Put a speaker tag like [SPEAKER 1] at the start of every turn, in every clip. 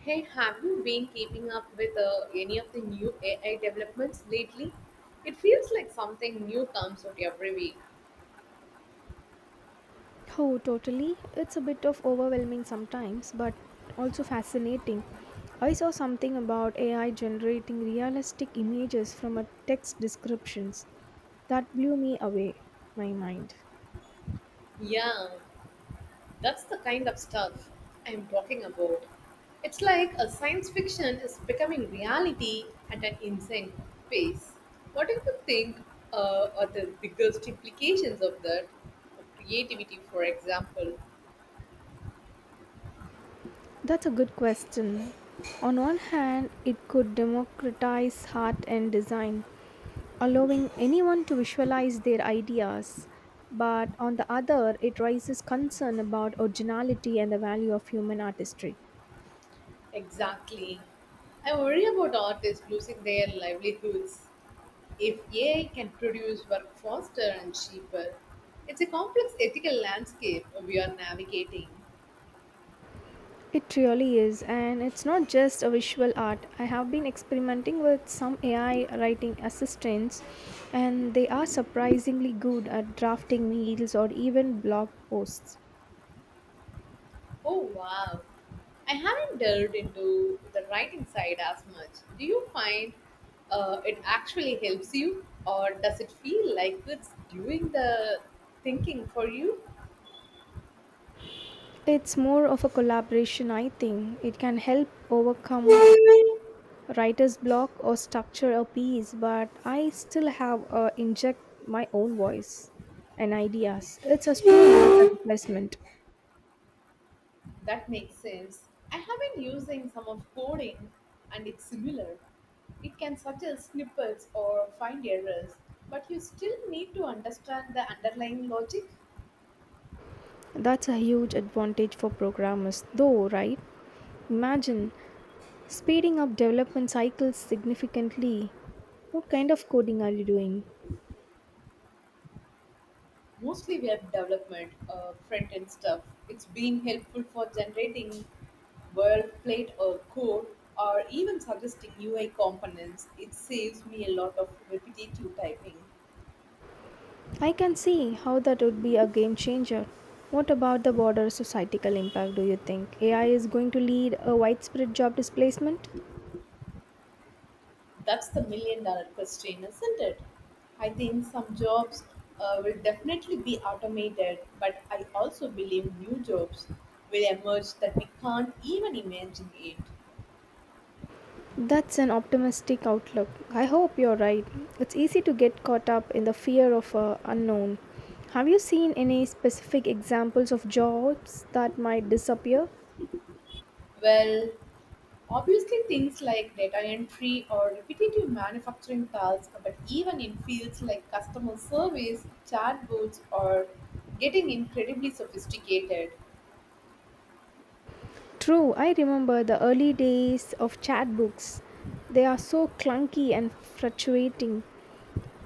[SPEAKER 1] Hey, have you been keeping up with any of the new AI developments lately? It feels like something new comes out every week.
[SPEAKER 2] Oh, totally. It's a bit of overwhelming sometimes, but also fascinating. I saw something about AI generating realistic images from a text descriptions. That blew me away my mind.
[SPEAKER 1] Yeah, that's the kind of stuff I'm talking about. It's like a science fiction is becoming reality at an insane pace. What do you think are the biggest implications of that? Creativity, for example.
[SPEAKER 2] That's a good question. On one hand, it could democratize art and design, allowing anyone to visualize their ideas. But on the other, it raises concern about originality and the value of human artistry.
[SPEAKER 1] Exactly. I worry about artists losing their livelihoods if AI can produce work faster and cheaper, it's a complex ethical landscape we are navigating.
[SPEAKER 2] It really is, and it's not just a visual art. I have been experimenting with some AI writing assistants, and they are surprisingly good at drafting meals or even blog posts.
[SPEAKER 1] Oh wow, I haven't delved into the writing side as much. Do you find it actually helps you, or does it feel like it's doing the thinking for you?
[SPEAKER 2] It's more of a collaboration, I think. It can help overcome writer's block or structure a piece, but I still have inject my own voice and ideas. It's a tool, not a replacement.
[SPEAKER 1] That makes sense. I have been using some of coding and it's similar. It can suggest snippets or find errors, but you still need to understand the underlying logic.
[SPEAKER 2] That's a huge advantage for programmers, though, right? Imagine speeding up development cycles significantly. What kind of coding are you doing?
[SPEAKER 1] Mostly web development, front end stuff. It's been helpful for generating world plate or code or even suggesting UI components. It saves me a lot of repetitive typing.
[SPEAKER 2] I can see how that would be a game changer. What about the broader societal impact do you think? AI is going to lead a widespread job displacement?
[SPEAKER 1] That's the $1 million question, isn't it? I think some jobs will definitely be automated, but I also believe new jobs will emerge that we can't even imagine it.
[SPEAKER 2] That's an optimistic outlook. I hope you're right. It's easy to get caught up in the fear of unknown. Have you seen any specific examples of jobs that might disappear?
[SPEAKER 1] Well, obviously, things like data entry or repetitive manufacturing tasks, but even in fields like customer service, chatbots, or getting incredibly sophisticated.
[SPEAKER 2] True, I remember the early days of chatbooks. They are so clunky and fluctuating.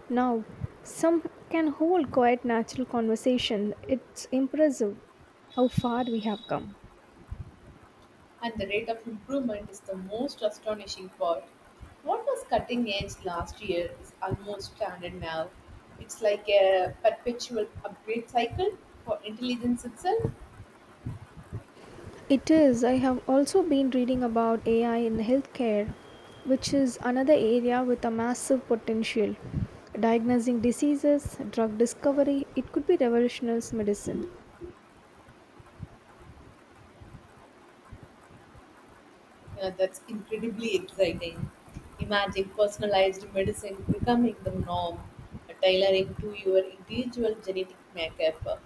[SPEAKER 2] Now, some can hold quite natural conversation. It's impressive how far we have come.
[SPEAKER 1] And the rate of improvement is the most astonishing part. What was cutting edge last year is almost standard now. It's like a perpetual upgrade cycle for intelligence itself.
[SPEAKER 2] It is. I have also been reading about AI in healthcare, which is another area with a massive potential. Diagnosing diseases, drug discovery, it could be revolutionary medicine.
[SPEAKER 1] Yeah, that's incredibly exciting. Imagine personalized medicine becoming the norm, tailoring to your individual genetic makeup.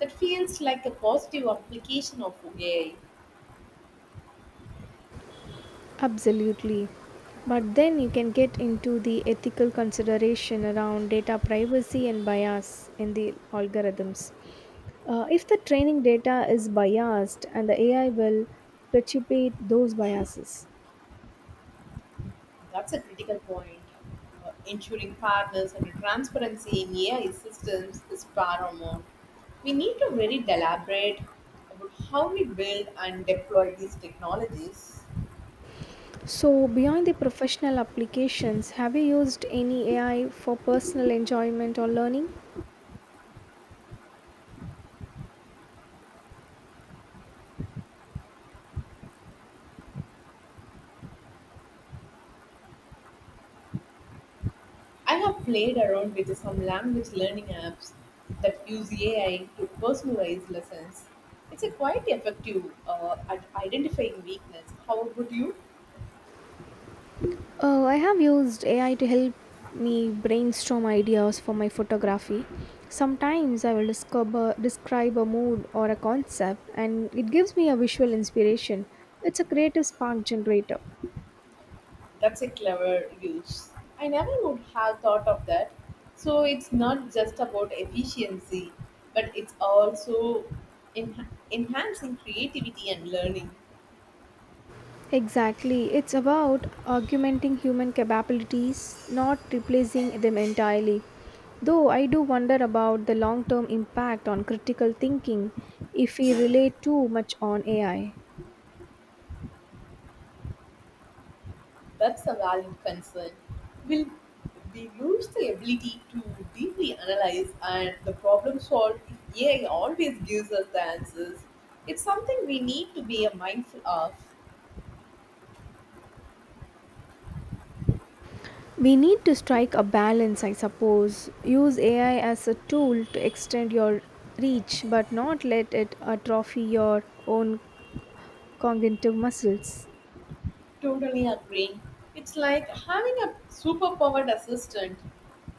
[SPEAKER 1] That feels like a positive application of AI.
[SPEAKER 2] Absolutely. But then you can get into the ethical consideration around data privacy and bias in the algorithms. If the training data is biased and the AI will perpetuate those biases.
[SPEAKER 1] That's a critical point. Ensuring fairness and transparency in AI systems is paramount. We need to very deliberate about how we build and deploy these technologies.
[SPEAKER 2] So, beyond the professional applications, have you used any AI for personal enjoyment or learning?
[SPEAKER 1] I have played around with some language learning apps that use AI to personalize lessons. It's a quite effective at identifying weakness. How about you?
[SPEAKER 2] Oh, I have used AI to help me brainstorm ideas for my photography. Sometimes I will discover, describe a mood or a concept and it gives me a visual inspiration. It's a creative spark generator.
[SPEAKER 1] That's a clever use. I never would have thought of that. So it's not just about efficiency, but it's also enhancing creativity and learning.
[SPEAKER 2] Exactly. It's about augmenting human capabilities, not replacing them entirely. Though I do wonder about the long term impact on critical thinking if we rely too much on AI.
[SPEAKER 1] That's a valid concern. Will we lose the ability to deeply analyze and the problem solve if AI always gives us the answers? It's something we need to be mindful of.
[SPEAKER 2] We need to strike a balance, I suppose. Use AI as a tool to extend your reach, but not let it atrophy your own cognitive muscles.
[SPEAKER 1] Totally agree. It's like having a superpowered assistant.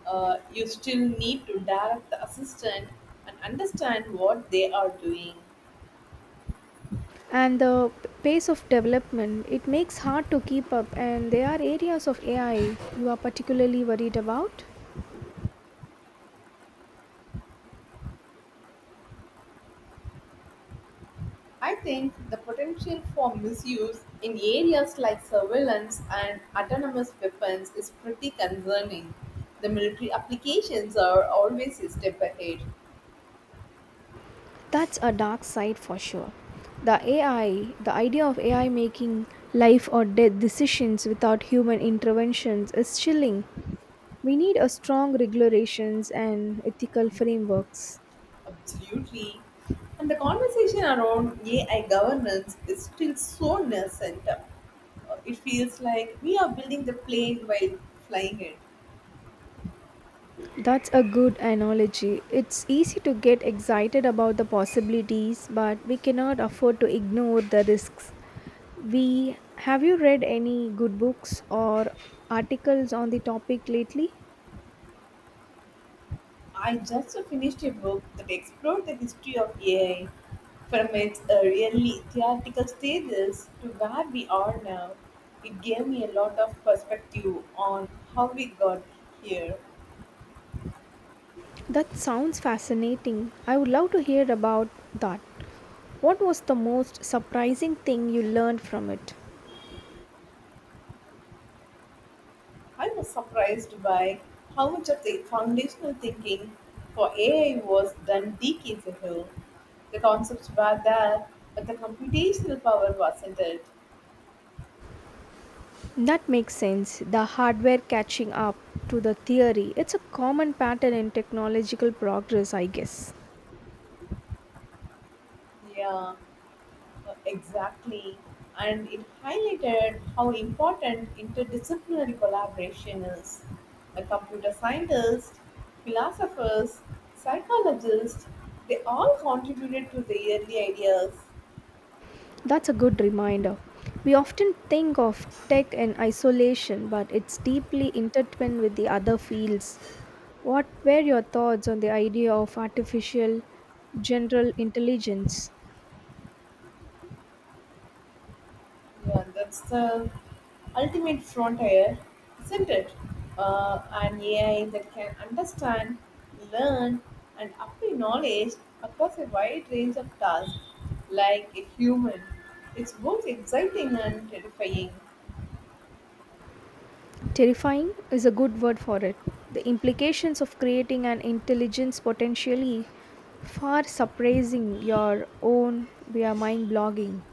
[SPEAKER 1] You still need to direct the assistant and understand what they are doing.
[SPEAKER 2] And the pace of development, it makes hard to keep up and there are areas of AI you are particularly worried about.
[SPEAKER 1] I think the potential for misuse in areas like surveillance and autonomous weapons is pretty concerning. The military applications are always a step ahead.
[SPEAKER 2] That's a dark side for sure. The AI, the idea of AI making life or death decisions without human interventions is chilling. We need a strong regulations and ethical frameworks.
[SPEAKER 1] Absolutely. And the conversation around AI governance is still so nascent. It feels like we are building the plane while flying it.
[SPEAKER 2] That's a good analogy. It's easy to get excited about the possibilities, but we cannot afford to ignore the risks. We Have you read any good books or articles on the topic lately?
[SPEAKER 1] I just finished a book that explored the history of AI from its really theoretical stages to where we are now. It gave me a lot of perspective on how we got here.
[SPEAKER 2] That sounds fascinating. I would love to hear about that. What was the most surprising thing you learned from it?
[SPEAKER 1] I was surprised by how much of the foundational thinking for AI was done decades ago. The concepts were there, but the computational power wasn't it?
[SPEAKER 2] That makes sense. The hardware catching up to the theory. It's a common pattern in technological progress, I guess.
[SPEAKER 1] Yeah, exactly. And it highlighted how important interdisciplinary collaboration is. The computer scientists, philosophers, psychologists, they all contributed to the early ideas.
[SPEAKER 2] That's a good reminder. We often think of tech in isolation, but it's deeply intertwined with the other fields. What were your thoughts on the idea of artificial general intelligence?
[SPEAKER 1] Yeah, that's the ultimate frontier, isn't it? An AI that can understand, learn, and apply knowledge across a wide range of tasks like a human. It's both exciting and terrifying,
[SPEAKER 2] Terrifying is a good word for it. The implications of creating an intelligence potentially far surprising your own via mind blogging.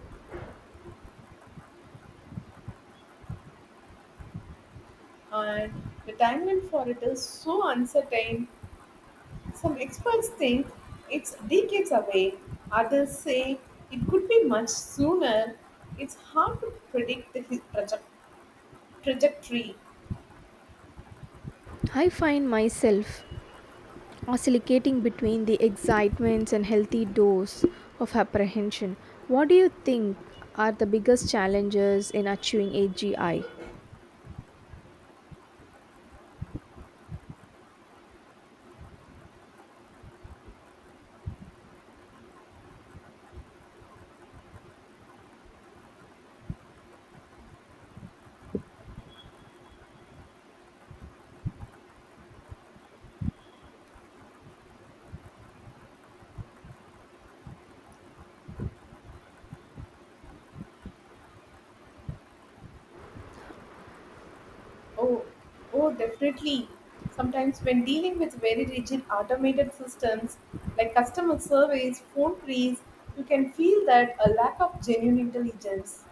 [SPEAKER 1] and the timeline for it is so uncertain. Some experts think it's decades away, others say it could be much sooner. It's hard to predict the trajectory.
[SPEAKER 2] I find myself oscillating between the excitements and healthy dose of apprehension. What do you think are the biggest challenges in achieving AGI?
[SPEAKER 1] Oh, oh, definitely. Sometimes when dealing with very rigid automated systems like customer service, phone trees, you can feel that a lack of genuine intelligence.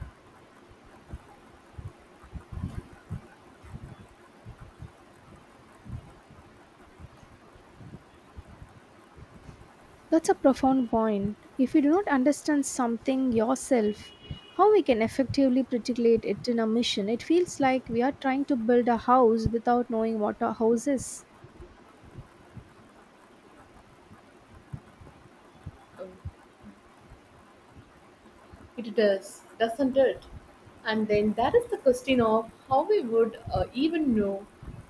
[SPEAKER 2] That's a profound point. If you do not understand something yourself, how we can effectively particulate it in a mission? It feels like we are trying to build a house without knowing what a house is.
[SPEAKER 1] Oh, it does, doesn't it? And then that is the question of how we would even know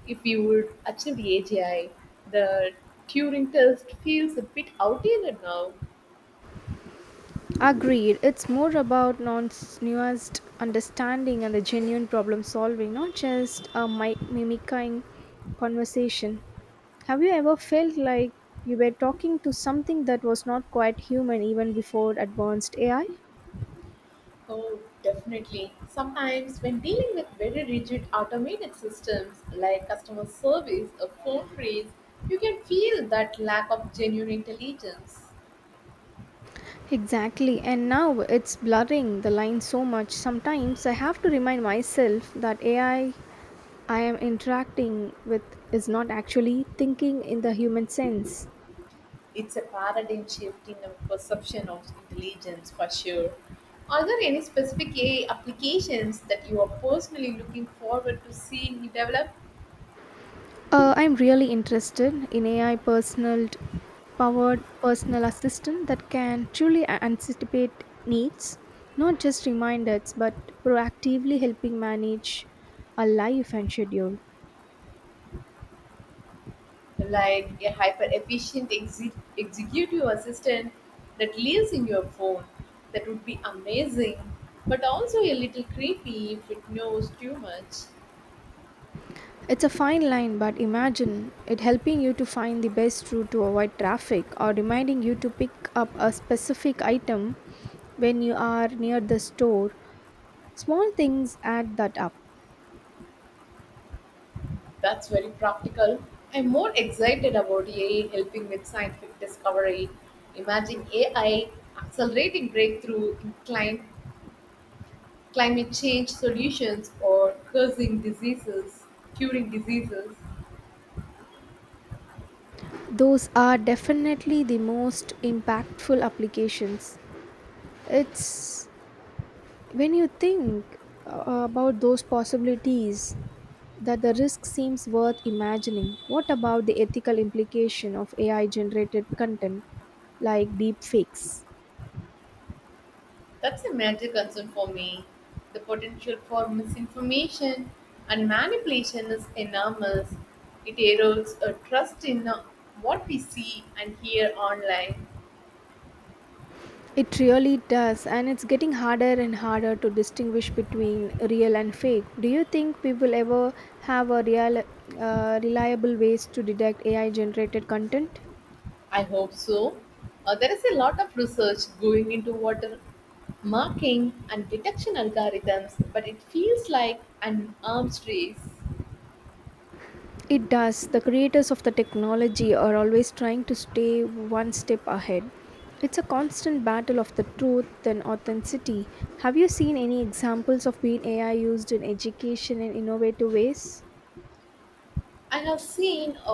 [SPEAKER 1] if we would achieve AGI. The Turing test feels a bit outdated now.
[SPEAKER 2] Agreed. It's more about non nuanced understanding and the genuine problem solving, not just a mimicking conversation. Have you ever felt like you were talking to something that was not quite human even before advanced AI?
[SPEAKER 1] Oh, definitely. Sometimes, when dealing with very rigid automated systems like customer service or phone freeze, you can feel that lack of genuine intelligence.
[SPEAKER 2] Exactly, and now it's blurring the lines so much. Sometimes I have to remind myself that AI I am interacting with is not actually thinking in the human sense.
[SPEAKER 1] It's a paradigm shift in the perception of intelligence for sure. Are there any specific AI applications that you are personally looking forward to seeing develop?
[SPEAKER 2] I'm really interested in AI personal powered personal assistant that can truly anticipate needs, not just reminders, but proactively helping manage a life and schedule.
[SPEAKER 1] Like a hyper efficient executive assistant that lives in your phone. That would be amazing, but also a little creepy if it knows too much.
[SPEAKER 2] It's a fine line, but imagine it helping you to find the best route to avoid traffic or reminding you to pick up a specific item when you are near the store. Small things add that up.
[SPEAKER 1] That's very practical. I'm more excited about AI helping with scientific discovery. Imagine AI accelerating breakthrough in climate change solutions or curing diseases.
[SPEAKER 2] Those are definitely the most impactful applications. It's when you think about those possibilities that the risk seems worth imagining. What about the ethical implication of AI generated content like deepfakes?
[SPEAKER 1] That's a major concern for me. The potential for misinformation and manipulation is enormous. It erodes a trust in what we see and hear online.
[SPEAKER 2] It really does, and it's getting harder and harder to distinguish between real and fake. Do you think people ever have a real, reliable ways to detect AI generated content?
[SPEAKER 1] I hope so. There is a lot of research going into water marking and detection algorithms, but it feels like an arms race.
[SPEAKER 2] It does. The creators of the technology are always trying to stay one step ahead. It's a constant battle of the truth and authenticity. Have you seen any examples of being AI used in education in innovative ways?
[SPEAKER 1] I have seen